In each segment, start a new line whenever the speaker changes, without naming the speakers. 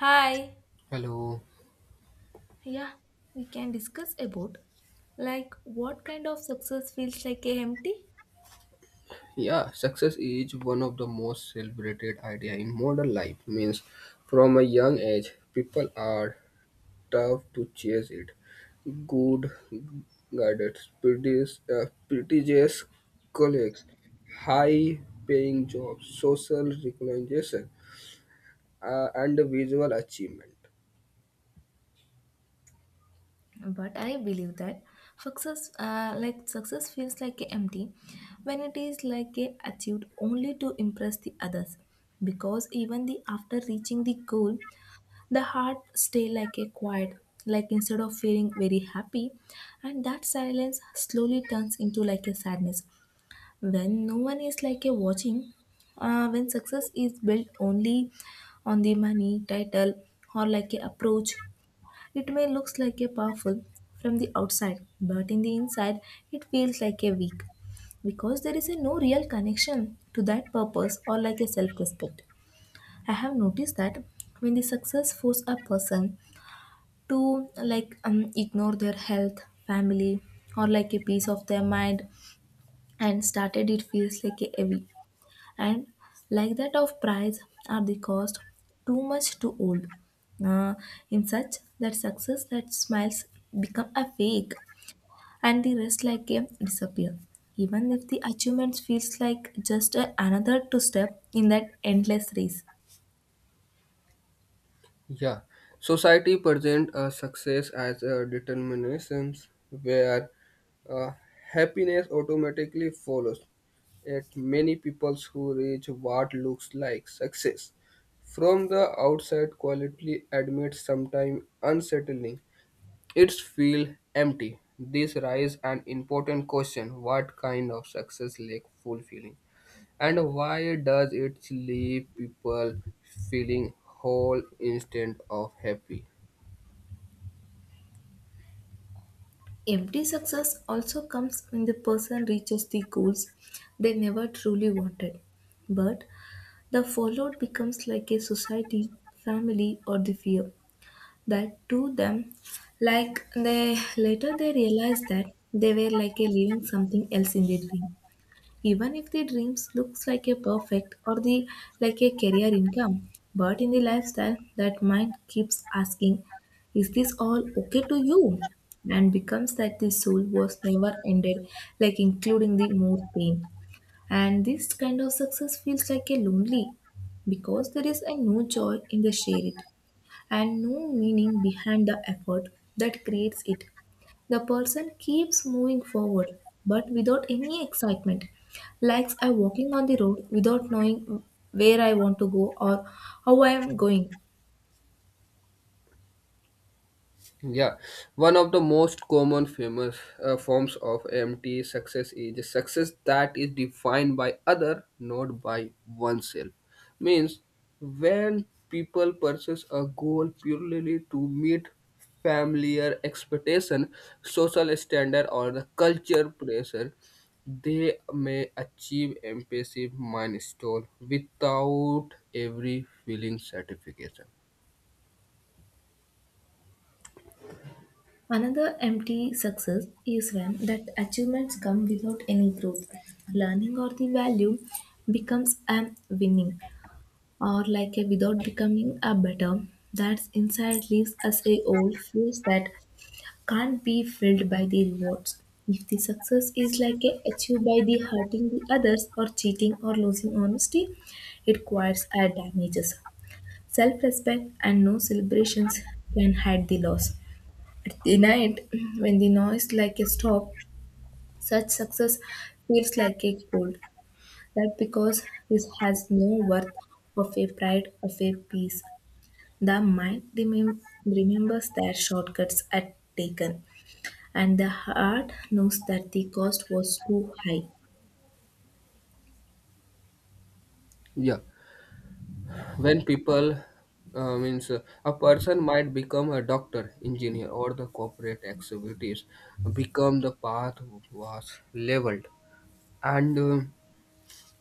Hi.
Hello.
Yeah, we can discuss about like what kind of success feels like a empty.
Yeah, success is one of the most celebrated idea in modern life. Means from a young age, people are tough to chase it. Good guidance, prestigious colleagues, high paying jobs, social recognition, and visual achievement.
But I believe that success, like success, feels like a empty when it is like a achieved only to impress the others. Because even the after reaching the goal, the heart stay like a quiet. Like instead of feeling very happy, and that silence slowly turns into like a sadness when no one is like a watching when success is built only on the money title or like a approach, it may looks like a powerful from the outside but in the inside it feels like a weak because there is a no real connection to that purpose or like a self respect. I have noticed that when the success force a person to like ignore their health family or like a piece of their mind and started it feels like a heavy, and like that of price are the cost too much too old. Uh, in such that success that smiles become a fake and the rest like a disappear even if the achievements feels like another two step in that endless race.
Yeah, society present a success as a determination where uh, happiness automatically follows. At many people who reach what looks like success from the outside quietly admits sometimes unsettling. It's feel empty. This raises an important question: what kind of success lack fulfilling, and why does it leave people feeling whole instead of happy?
Empty success also comes when the person reaches the goals they never truly wanted, but the fallout becomes like a society family or the fear that to them, like they later they realized that they were like a living something else in their dream even if the dreams looks like a perfect or the like a career income, but in the lifestyle that mind keeps asking, is this all okay to you? And becomes that the soul was never ended, like including the more pain. And this kind of success feels like a lonely because there is a no joy in the share it and no meaning behind the effort that creates it. The person keeps moving forward but without any excitement, like I walking on the road without knowing where I want to go or how I am going.
Yeah, one of the most common famous forms of M T success is a success that is defined by other, not by oneself. Means when people pursue a goal purely to meet familiar expectation, social standard or the culture pressure, they may achieve impressive milestone without every feeling satisfaction.
Another empty success is when that achievements come without any growth, learning or the value, becomes a winning or like a without becoming a better. That's inside leaves us a old feels that can't be filled by the rewards. If the success is like a achieved by the hurting the others or cheating or losing honesty, it quiets our damages. Self-respect and no celebrations can hide the loss. At the night, when the noise like a stop, such success feels like a cold. That because this has no worth of a pride of a peace. The mind remembers their shortcuts at taken and the heart knows that the cost was too high.
Yeah when people means a person might become a doctor engineer or the corporate activities become the path was leveled and uh,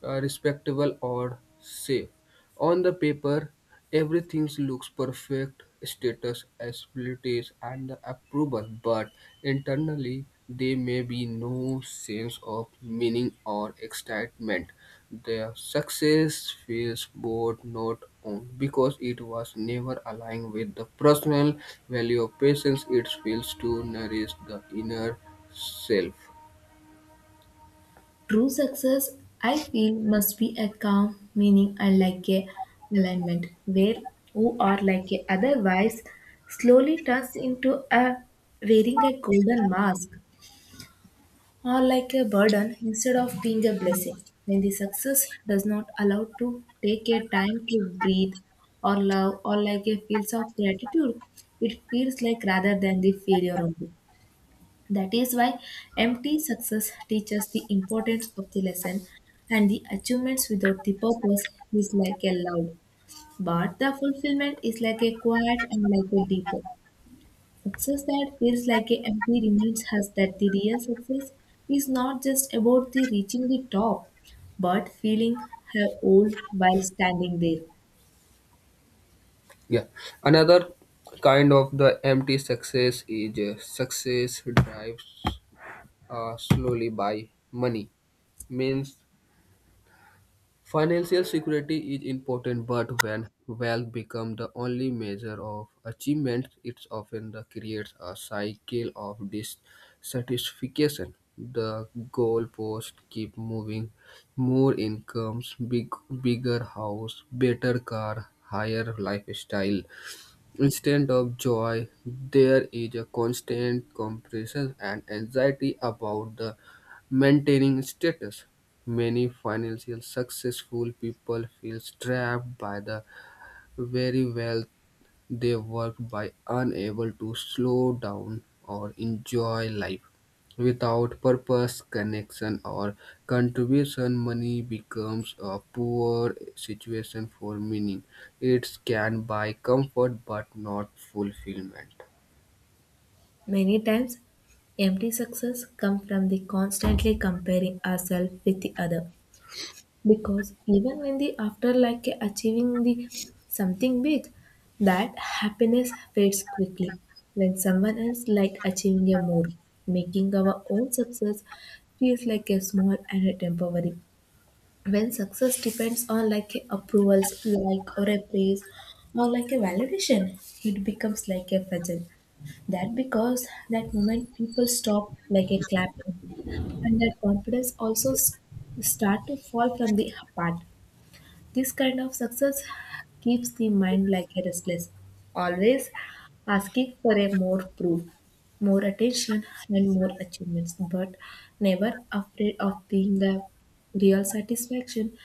uh, respectable or safe. On the paper, everything looks perfect status, abilities, and the approval, but internally, there may be no sense of meaning or excitement. Their success feels both not owned because it was never aligned with the personal value of patience. It fails to nourish the inner self.
True success, I feel, must be a calm, meaning unlike a alignment, where who are like a otherwise slowly turns into a wearing a golden mask or like a burden instead of being a blessing. When the success does not allow to take a time to breathe or love or like a feels of gratitude, it feels like rather than the failure only. That is why empty success teaches the importance of the lesson, and the achievements without the purpose is like a loud, but the fulfillment is like a quiet and like a deeper. Success that feels like a empty reminds us that the real success is not just about the reaching the top, but feeling her old while standing there.
Yeah. Another kind of the empty success is success drives slowly by money. Means financial security is important, but when wealth become the only measure of achievement, it's often the creates a cycle of dissatisfaction. The goalpost keep moving, more incomes, big, bigger house, better car, higher lifestyle. Instead of joy, there is a constant compression and anxiety about the maintaining status. Many financially successful people feel trapped by the very wealth they work by unable to slow down or enjoy life. Without purpose, connection, or contribution, money becomes a poor situation for meaning. It can buy comfort but not fulfillment.
Many times, empty success comes from the constantly comparing ourselves with the other because even when the afterlife achieving the something big, that happiness fades quickly when someone else like achieving a more, making our own success feels like a small and a temporary. When success depends on like a approvals like or a praise or like a validation, it becomes like a fudgel. That because that moment people stop like a clapping and that confidence also start to fall from the apart. This kind of success keeps the mind like a restless, always asking for a more proof, more attention, and more achievements, but never afraid of being the real satisfaction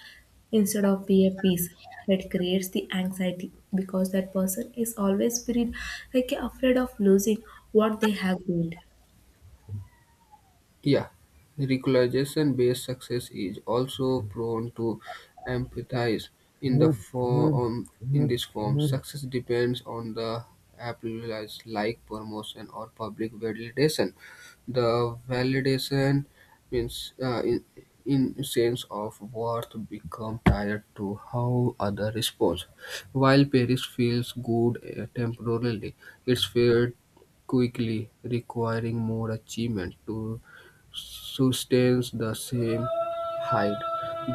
instead of be a peace. It creates the anxiety because that person is always feeling like afraid of losing what they have built.
Yeah, regularization-based success is also prone to empathize in this form. Success depends on the applause like promotion or public validation. The validation means in sense of worth become tied to how other respond. While Paris feels good temporarily, it's felt quickly, requiring more achievement to sustains the same height.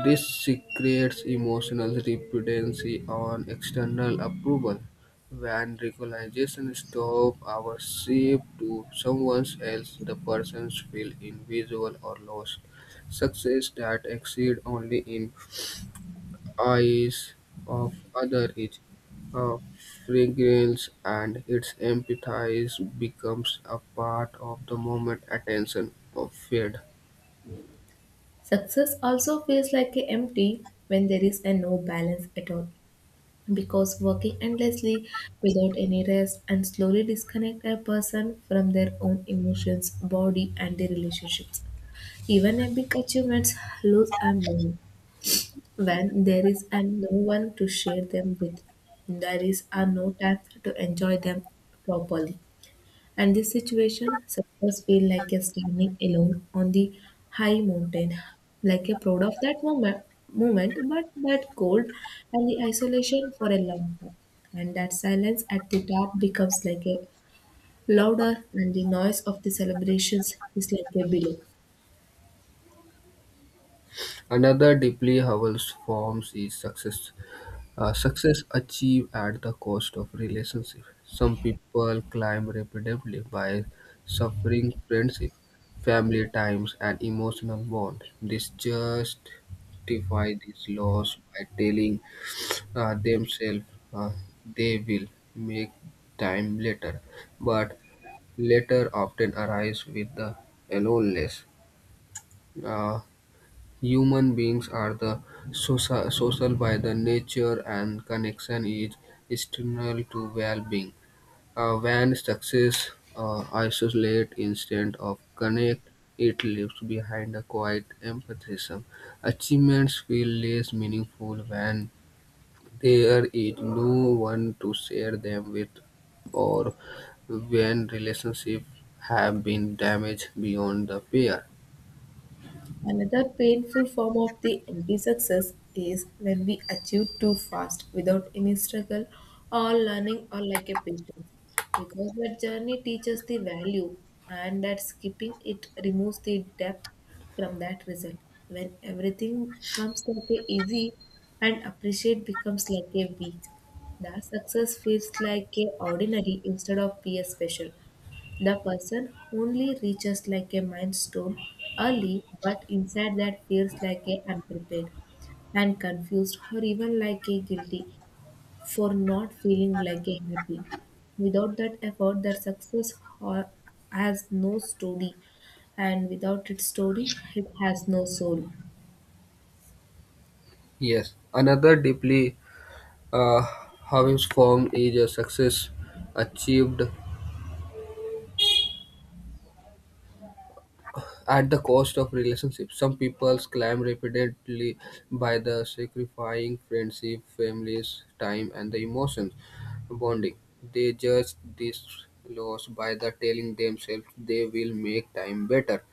This creates emotional dependency on external approval. When recognition stops our ship to someone else, the persons feel invisible or lost. Success that exceeds only in eyes of other is a fragrance and its empathize becomes a part of the moment attention of fade.
Success also feels like empty when there is a no balance at all because working endlessly without any rest and slowly disconnect a person from their own emotions, body, and their relationships. Even epic achievements lose and learn when there is and no one to share them with. There is are no time to enjoy them properly. And this situation, success feel like you're standing alone on the high mountain, like you're proud of that moment, but that cold and the isolation for a long time. And that silence at the top becomes like a louder, and the noise of the celebrations is like a belay.
Another deeply Howells forms is success. Success achieved at the cost of relationship. Some people climb rapidly by suffering friendship, family times, and emotional bonds. This justify this loss by telling themselves uh, they will make time later, but later often arrives with the aloneness. Uh, Human beings are the social by the nature and connection is external to well-being. When success isolate instead of connect, it leaves behind a quiet empathism. Achievements feel less meaningful when there is no one to share them with or when relationships have been damaged beyond the pair.
Another painful form of the empty success is when we achieve too fast without any struggle or learning or like a patience because that journey teaches the value and that skipping it removes the depth from that result. When everything comes like a easy and appreciate becomes like a weak, that success feels like a ordinary instead of be a special. The person only reaches like a milestone early, but inside that feels like a unprepared and confused or even like a guilty for not feeling like a happy. Without that effort, that success ho- has no story, and without its story, it has no soul.
Yes, another deeply uh, having form is a success achieved at the cost of relationships. Some people climb repeatedly by the sacrificing friendship, families, time, and the emotions bonding. They judge this loss by the telling themselves they will make time better,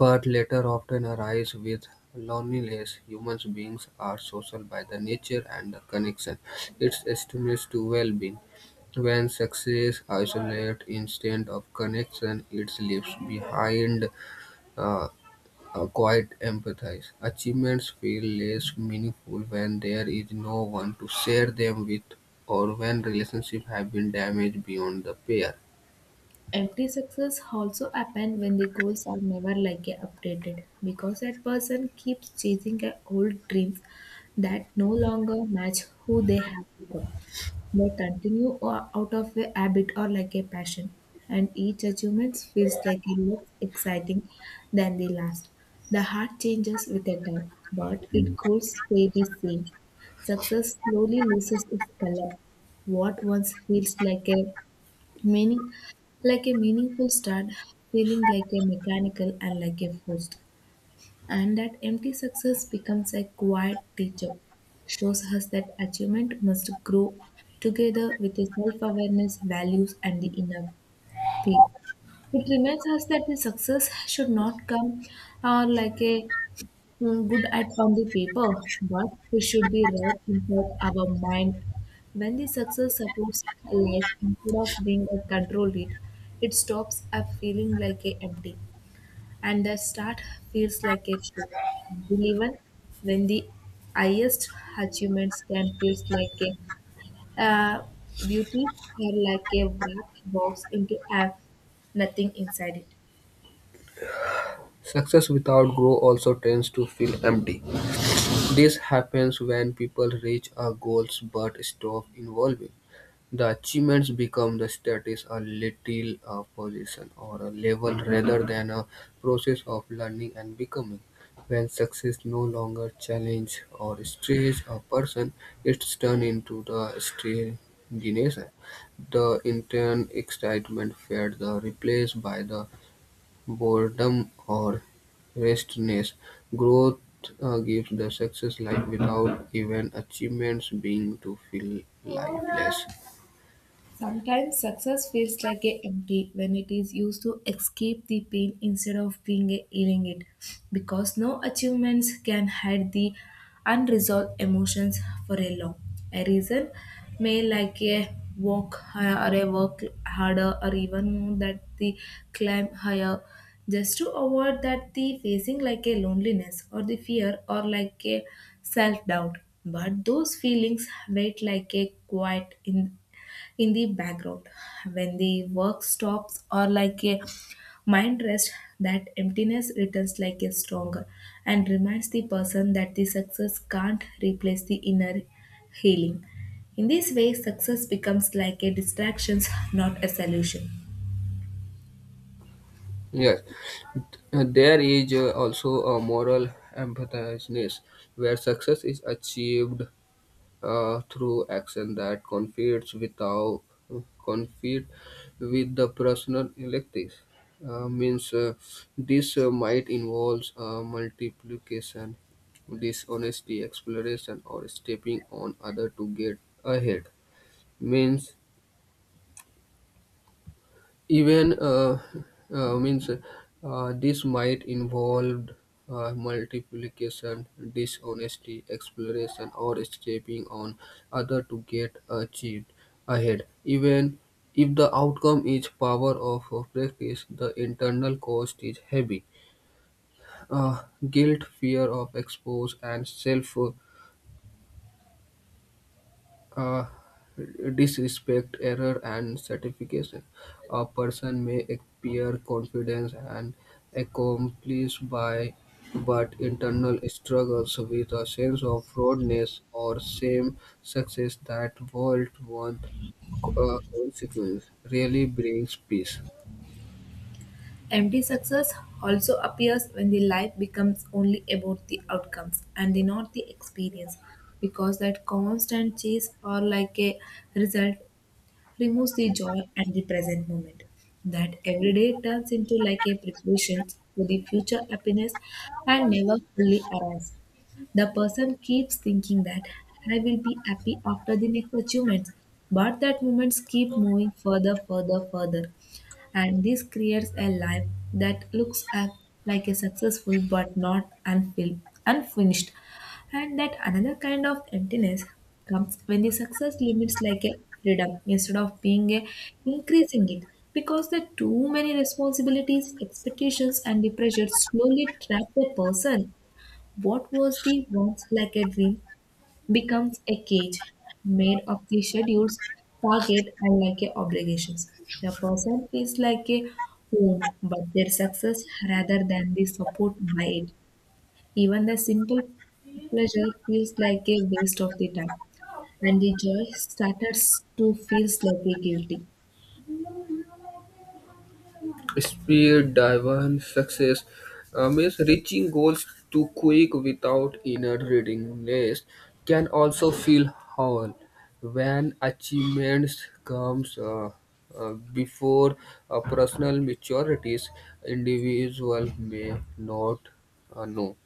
but later often arise with loneliness. Humans beings are social by the nature and the connection. It estimates to well-being. When success isolates instead of connection, it leaves behind uh, quite empathy. Achievements feel less meaningful when there is no one to share them with or when relationships have been damaged beyond the pair.
Empty success also happen when the goals are never like a updated because that person keeps chasing a old dreams that no longer match who they have become. They continue out of a habit or like a passion, and each achievement feels like a less exciting than the last. The heart changes with the time, but it goals stay the same. Success slowly loses its color. What once feels like a meaning, like a meaningful start, feeling like a mechanical and like a forced. And that empty success becomes a quiet teacher, shows us that achievement must grow together with the self awareness, values, and the inner peace. It reminds us that the success should not come like a good at on the paper, but we should be right inside our mind. When the success supports a life instead of being a control it, it stops a feeling like a empty, and the start feels like a show. And even when the highest achievements can feel like a uh, beauty or like a wrapped box into a nothing inside it.
Success without growth also tends to feel empty. This happens when people reach a goals but stop evolving. The achievements become the status, a little a position or a level rather than a process of learning and becoming. When success no longer challenge or stretch a person, it's turned into the stagnation. The internal excitement fades, the replaced by the boredom or restlessness, growth gives the success life without even achievements being to feel lifeless.
Sometimes success feels like a empty when it is used to escape the pain instead of being a healing it, because no achievements can hide the unresolved emotions for a long. A reason may like a walk higher or a work harder or even more that the climb higher just to avoid that the facing like a loneliness or the fear or like a self doubt, but those feelings wait like a quiet in the background. When the work stops or like a mind rest, that emptiness returns like a stronger and reminds the person that the success can't replace the inner healing. In this way success becomes like a distraction, not a solution.
Yes. There is also a moral ambitiousness where success is achieved through action that conflicts without conflict with the personal electives. Means this might involve multiplication, dishonesty, exploration, or stepping on other to get ahead. Means Even means This might involve multiplication, dishonesty, exploration, or stepping on other to get achieved ahead. Even if the outcome is power of practice, the internal cost is heavy. Uh, guilt, fear of expose, and self uh, disrespect, error, and certification. A person may appear confident and accomplished by but internal struggles with a sense of fraudness or same success that world one consequence really brings peace.
Empty success also appears when the life becomes only about the outcomes and the, not the experience because that constant chase or like a result removes the joy and the present moment. That every day turns into like a preparation for the future happiness and never fully arrives. The person keeps thinking that I will be happy after the next achievements, but that moments keep moving further, further, further. And this creates a life that looks at like a successful but not unfinished. And that another kind of emptiness comes when the success limits like a freedom instead of being a increasing it because the too many responsibilities, expectations and the pressure slowly trap the person. What was the once like a dream becomes a cage made of the schedules, target and like a obligations. The person is like a wound but their success rather than the support by it. Even the simple pleasure feels like a waste of the time, and the joy starts to feel like a guilty.
Speed, divergence, success means reaching goals too quick without inner readiness can also feel hollow when achievements comes before personal maturities individual may not know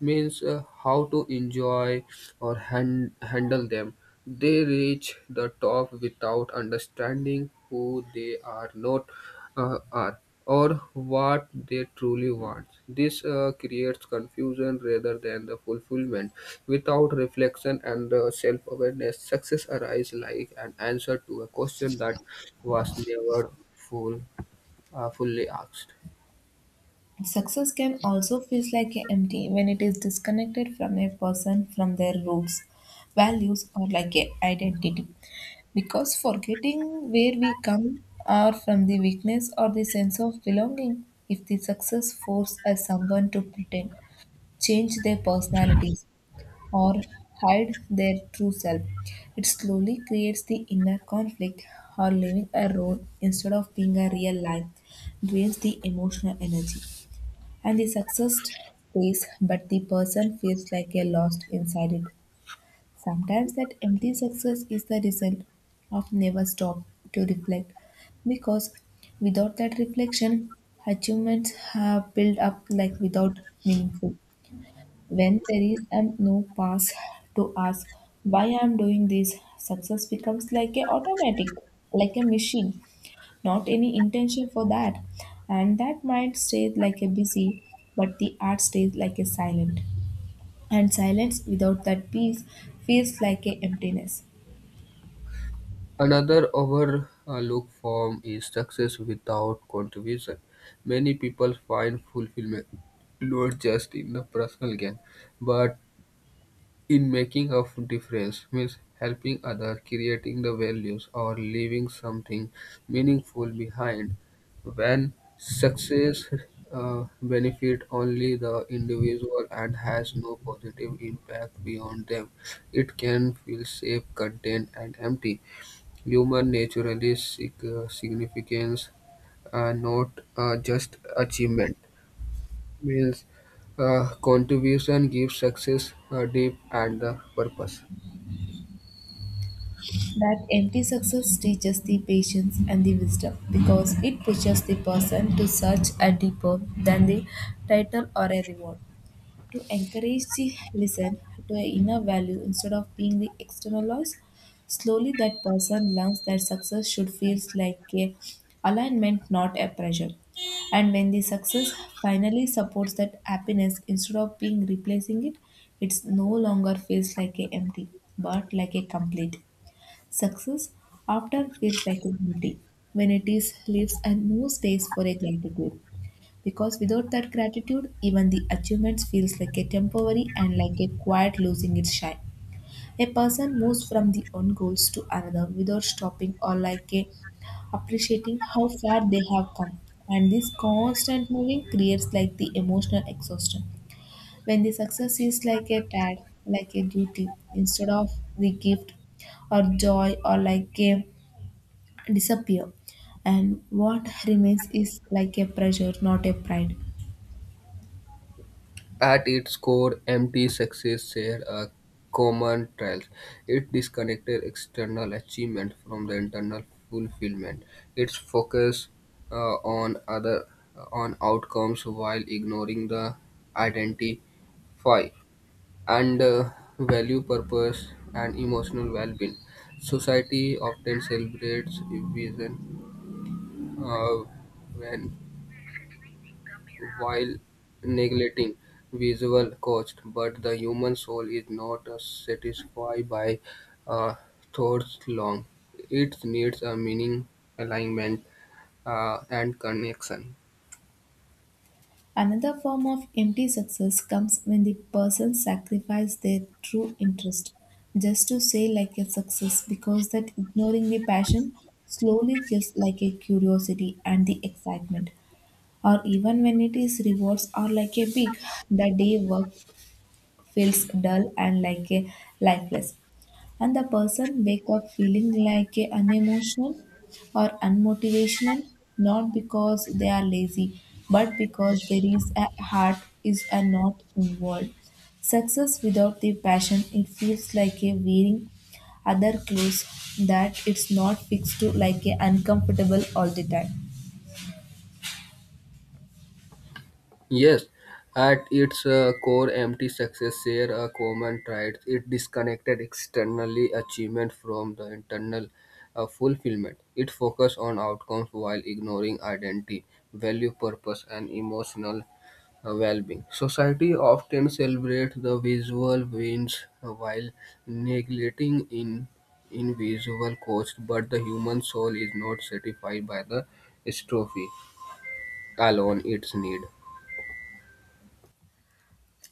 means how to enjoy or handle them. They reach the top without understanding who they are not are or what they truly want. This creates confusion rather than the fulfillment. Without reflection and self-awareness, success arises like an answer to a question that was never fully asked.
Success can also feel like a empty when it is disconnected from a person from their roots, values, or like a identity. Because forgetting where we come or from the weakness or the sense of belonging, if the success force us someone to pretend, change their personalities, or hide their true self. It slowly creates the inner conflict or living a role instead of being a real life drains the emotional energy. And the success stays, but the person feels like a lost inside it. Sometimes that empty success is the result of never stop to reflect because without that reflection achievements have built up like without meaningful when there is no pause to ask why I am doing this, success becomes like a automatic, like a machine, not any intention for that. And that mind stays like a busy, but the heart stays like a silent. And silence without that peace feels like a emptiness.
Another overlooked form is success without contribution. Many people find fulfillment not just in the personal gain, but in making a difference, means helping others, creating the values, or leaving something meaningful behind. When success benefit only the individual and has no positive impact beyond them, it can feel safe, content, and empty. Human naturally naturalist significance, not just achievement, means contribution gives success a depth and the purpose.
That empty success teaches the patience and the wisdom because it pushes the person to search a deeper than the title or a reward, to encourage the listen to an inner value instead of being the external loss. Slowly, that person learns that success should feel like a alignment, not a pressure. And when the success finally supports that happiness instead of being replacing it, it no longer feels like a empty, but like a complete. Success often feels like a empty when it is leaves and no space for a gratitude. Because without that gratitude, even the achievements feels like a temporary and like a quiet losing its shine. A person moves from the one goals to another without stopping or like a appreciating how far they have come. And this constant moving creates like the emotional exhaustion. When the success is like a tag, like a duty, instead of the gift or joy or like a disappear. And what remains is like a pressure, not a pride.
At its core, empty success share a common trail. It disconnected external achievement from the internal fulfillment. Its focus uh, on other on outcomes while ignoring the identify and value purpose and emotional well-being. Society often celebrates vision uh, when while neglecting visual cost, but the human soul is not satisfied by uh, thoughts long. It needs a meaning, alignment, and connection.
Another form of empty success comes when the person sacrifices their true interest just to say like a success, because that ignoring the passion slowly kills like a curiosity and the excitement. Or even when it is rewards or like a peak, the day work feels dull and like a lifeless, and the person wake up feeling like a unemotional or unmotivational, not because they are lazy, but because there is a heart is a not involved. Success without the passion, it feels like a wearing other clothes that it's not fixed to, like a uncomfortable all the time.
Yes, at its core, empty success share a common trait. It disconnected externally achievement from the internal fulfillment. It focused on outcomes while ignoring identity, value, purpose, and emotional well-being. Society often celebrates the visual wins while neglecting in invisible cost, but the human soul is not satisfied by the strophe alone its need.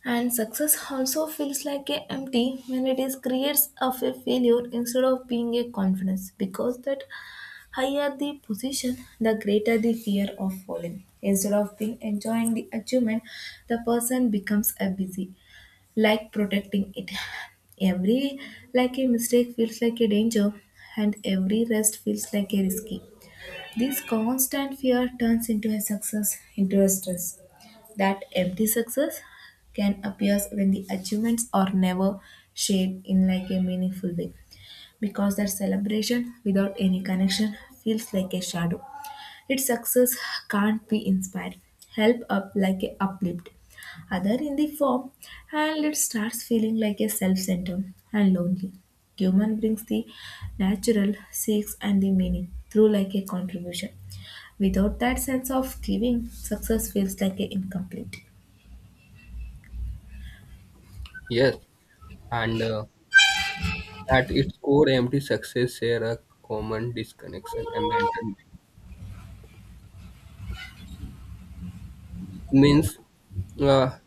And success also feels like a empty when it is creates of a failure instead of being a confidence, because that higher the position, the greater the fear of falling. Instead of being enjoying the achievement, the person becomes a busy, like protecting it. Every like a mistake feels like a danger, and every rest feels like a risky. This constant fear turns into a success, into a stress. That empty success can appear when the achievements are never shared in like a meaningful way, because that celebration without any connection feels like a shadow. Its success can't be inspired, help up like a uplift. Other in the form, and it starts feeling like a self-centered and lonely. Human brings the natural seeks and the meaning through like a contribution. Without that sense of giving, success feels like a incomplete.
Yes. And At its core, empty success share a common disconnection environment. Means uh,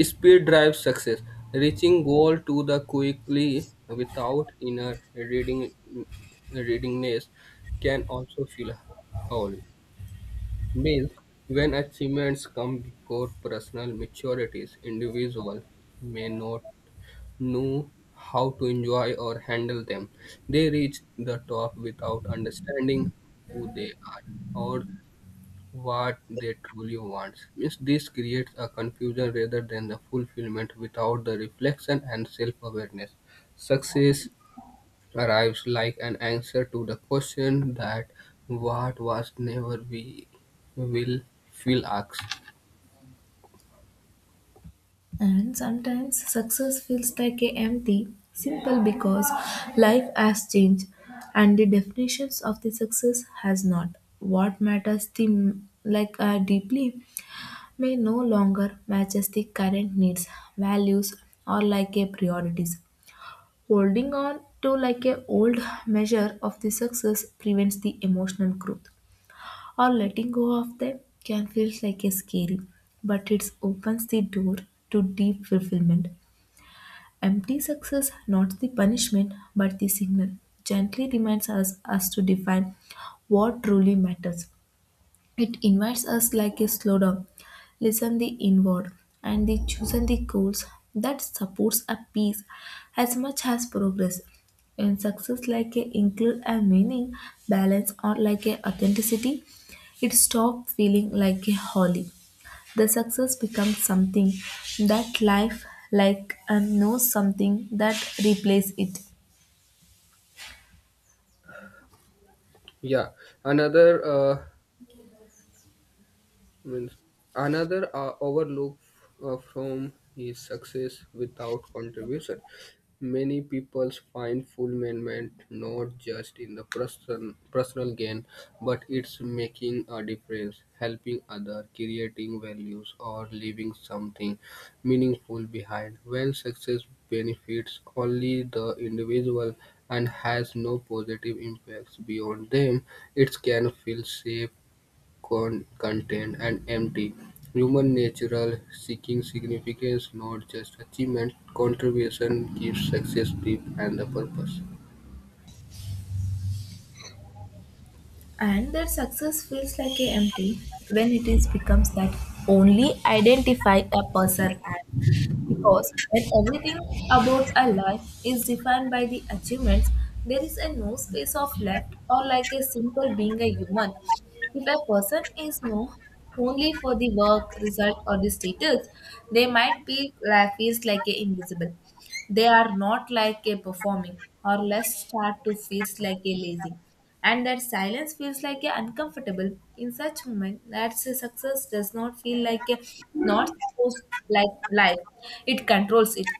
speed drives success, reaching goal to the quickly without inner readingness can also feel whole. Means when achievements come before personal maturities, individual may not know how to enjoy or handle them. They reach the top without understanding who they are or what they truly want. Means this creates a confusion rather than the fulfillment without the reflection and self-awareness. Success arrives like an answer to the question that what was never we will feel asked.
And sometimes success feels like a empty, simple because life has changed and the definitions of the success has not. What matters the like deeply may no longer matches the current needs, values, or like a priorities. Holding on to like a old measure of the success prevents the emotional growth, or letting go of them can feel like a scary, but it opens the door to deep fulfillment. Empty success, not the punishment, but the signal, gently reminds us to define what truly matters. It invites us like a slow down, listen the inward, and the chosen the goals that supports a peace as much as progress. And success, like a include a meaning, balance, or like a authenticity, it stops feeling like a holly. The success becomes something that life like and knows something that replace it.
Yeah, another. Means Another overlook from is success without contribution many people find fulfillment not just in the personal gain but it's making a difference helping other creating values or leaving something meaningful behind when success benefits only the individual and has no positive impacts beyond them it can feel safe content, and empty. Human natural seeking significance, not just achievement. Contribution gives success depth and the purpose.
And their success feels like a empty when it is becomes that only identify a person as, because when everything about a life is defined by the achievements, there is a no space of left or like a simple being a human. If a person is known only for the work result or the status, they might be life is like a invisible. They are not like a performing or less start to feels like a lazy. And that silence feels like a uncomfortable in such moment that success does not feel like a not supposed like life. It controls it.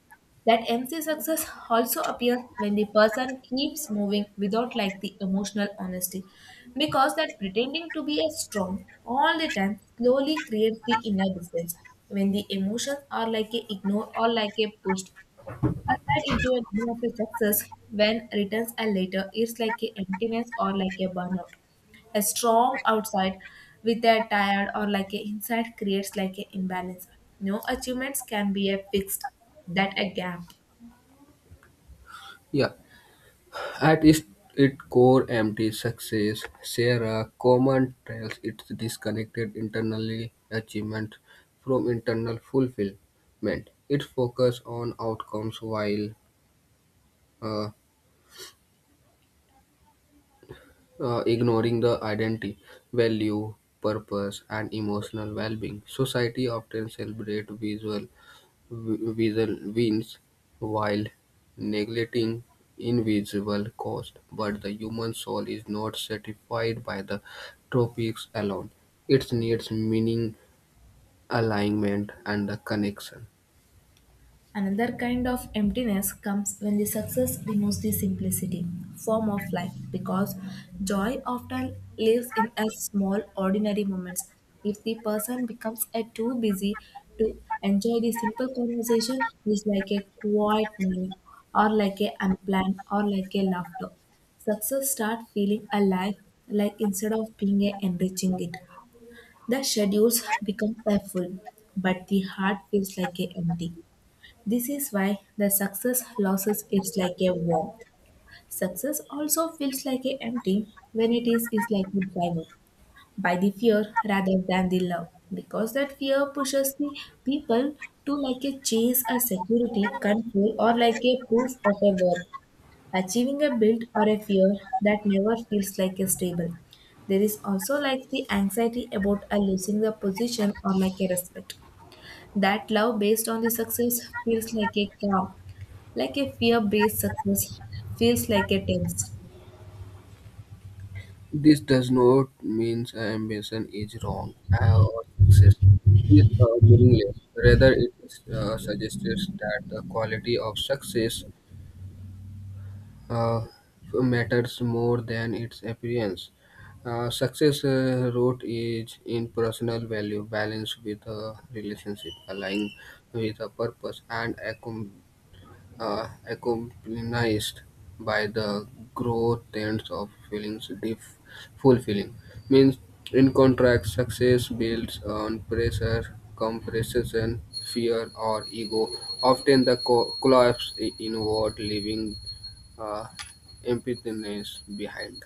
That empty success also appears when the person keeps moving without like the emotional honesty. Because that pretending to be a strong all the time slowly creates the inner distance. When the emotions are like a ignored or like a pushed aside into a dream of a success, when returns are later is like a emptiness or like a burnout. A strong outside with a tired or like a inside creates like an imbalance. No achievements can be a fixed that a gap.
Yeah, at its, its core, empty success share a common trails. It's disconnected internally achievement from internal fulfillment. It focuses on outcomes while uh, ignoring the identity, value, purpose, and emotional well-being. Society often celebrates visual wins while neglecting invisible cost. But the human soul is not satisfied by the tropics alone. It needs meaning, alignment, and the connection.
Another kind of emptiness comes when the success removes the simplicity form of life, because joy often lives in a small ordinary moments. If the person becomes a too busy to enjoy the simple conversation, it is like a quiet meal or like a unplanned or like a laughter. Success start feeling alive like instead of being a enriching it. The schedules become full, but the heart feels like a empty. This is why the success losses is like a warmth. Success also feels like a empty when it is like a driver by the fear rather than the love, because that fear pushes the people to like a chase a security control or like a proof of a worth. Achieving a build or a fear that never feels like a stable. There is also like the anxiety about a losing the position or like a respect. That love based on the success feels like a calm, like a fear based success feels like a test.
This does not mean ambition is wrong or success is meaningless. Rather, it suggests that the quality of success uh, matters more than its appearance. Success root is in personal value, balance with a relationship, align with a purpose, and accompanied by the growth trends of feelings deep fulfilling means in contract success builds on pressure compression fear or ego often the collapse inward leaving uh, emptiness behind.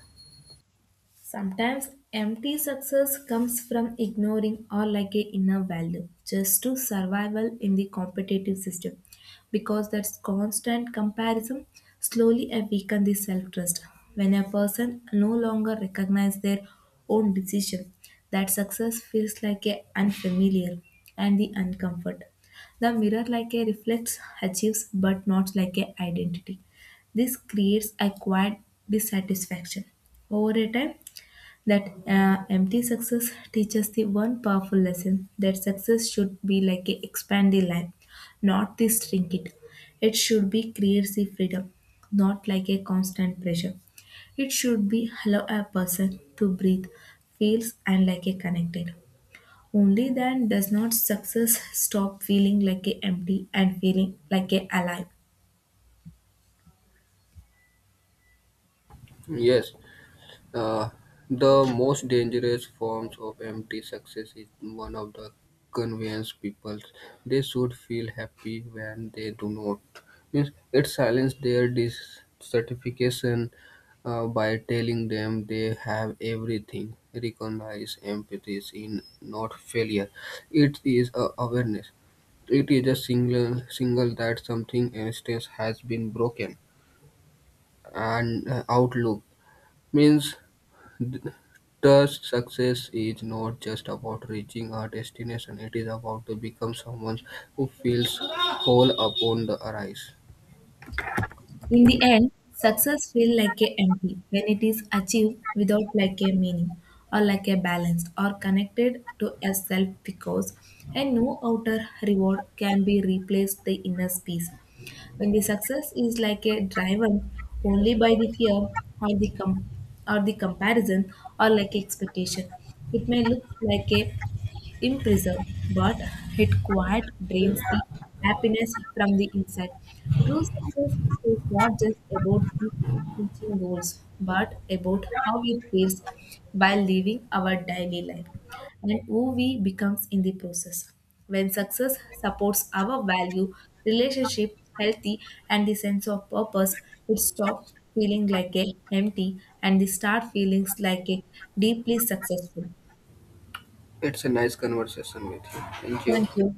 Sometimes empty success comes from ignoring or like a inner value just to survival in the competitive system, because that's constant comparison slowly weaken the self-trust. When a person no longer recognize their own decision, that success feels like a unfamiliar and the uncomfort. The mirror like a reflects achieves but not like a identity. This creates a quiet dissatisfaction. Over a time, that empty success teaches the one powerful lesson that success should be like a expand the life, not the shrink it. It should be creates the freedom, not like a constant pressure. It should be allow a person to breathe, feels, and like a connected. Only then does not success stop feeling like a empty and feeling like a alive.
Yes. Uh, the most dangerous forms of empty success is one of the convenience people. They should feel happy when they do not. Means it silences their dissatisfaction by telling them they have everything. Recognize empathy in not failure. It is a awareness. It is a single that something instance has been broken and outlook means thus, success is not just about reaching a destination, it is about to become someone who feels whole upon the arise.
In the end, success feels like a empty when it is achieved without like a meaning or like a balance or connected to a self, because and no outer reward can be replaced the inner peace. When the success is like a driven only by the fear or the or the comparison or like expectation, it may look like a in prison, but it quiet drains the happiness from the inside. True success is not just about the reaching goals, but about how it feels while living our daily life and who we becomes in the process. When success supports our value, relationship, healthy, and the sense of purpose, it stops feeling like a empty and they start feelings like a deeply successful.
It's a nice conversation with you. Thank you.
Thank you.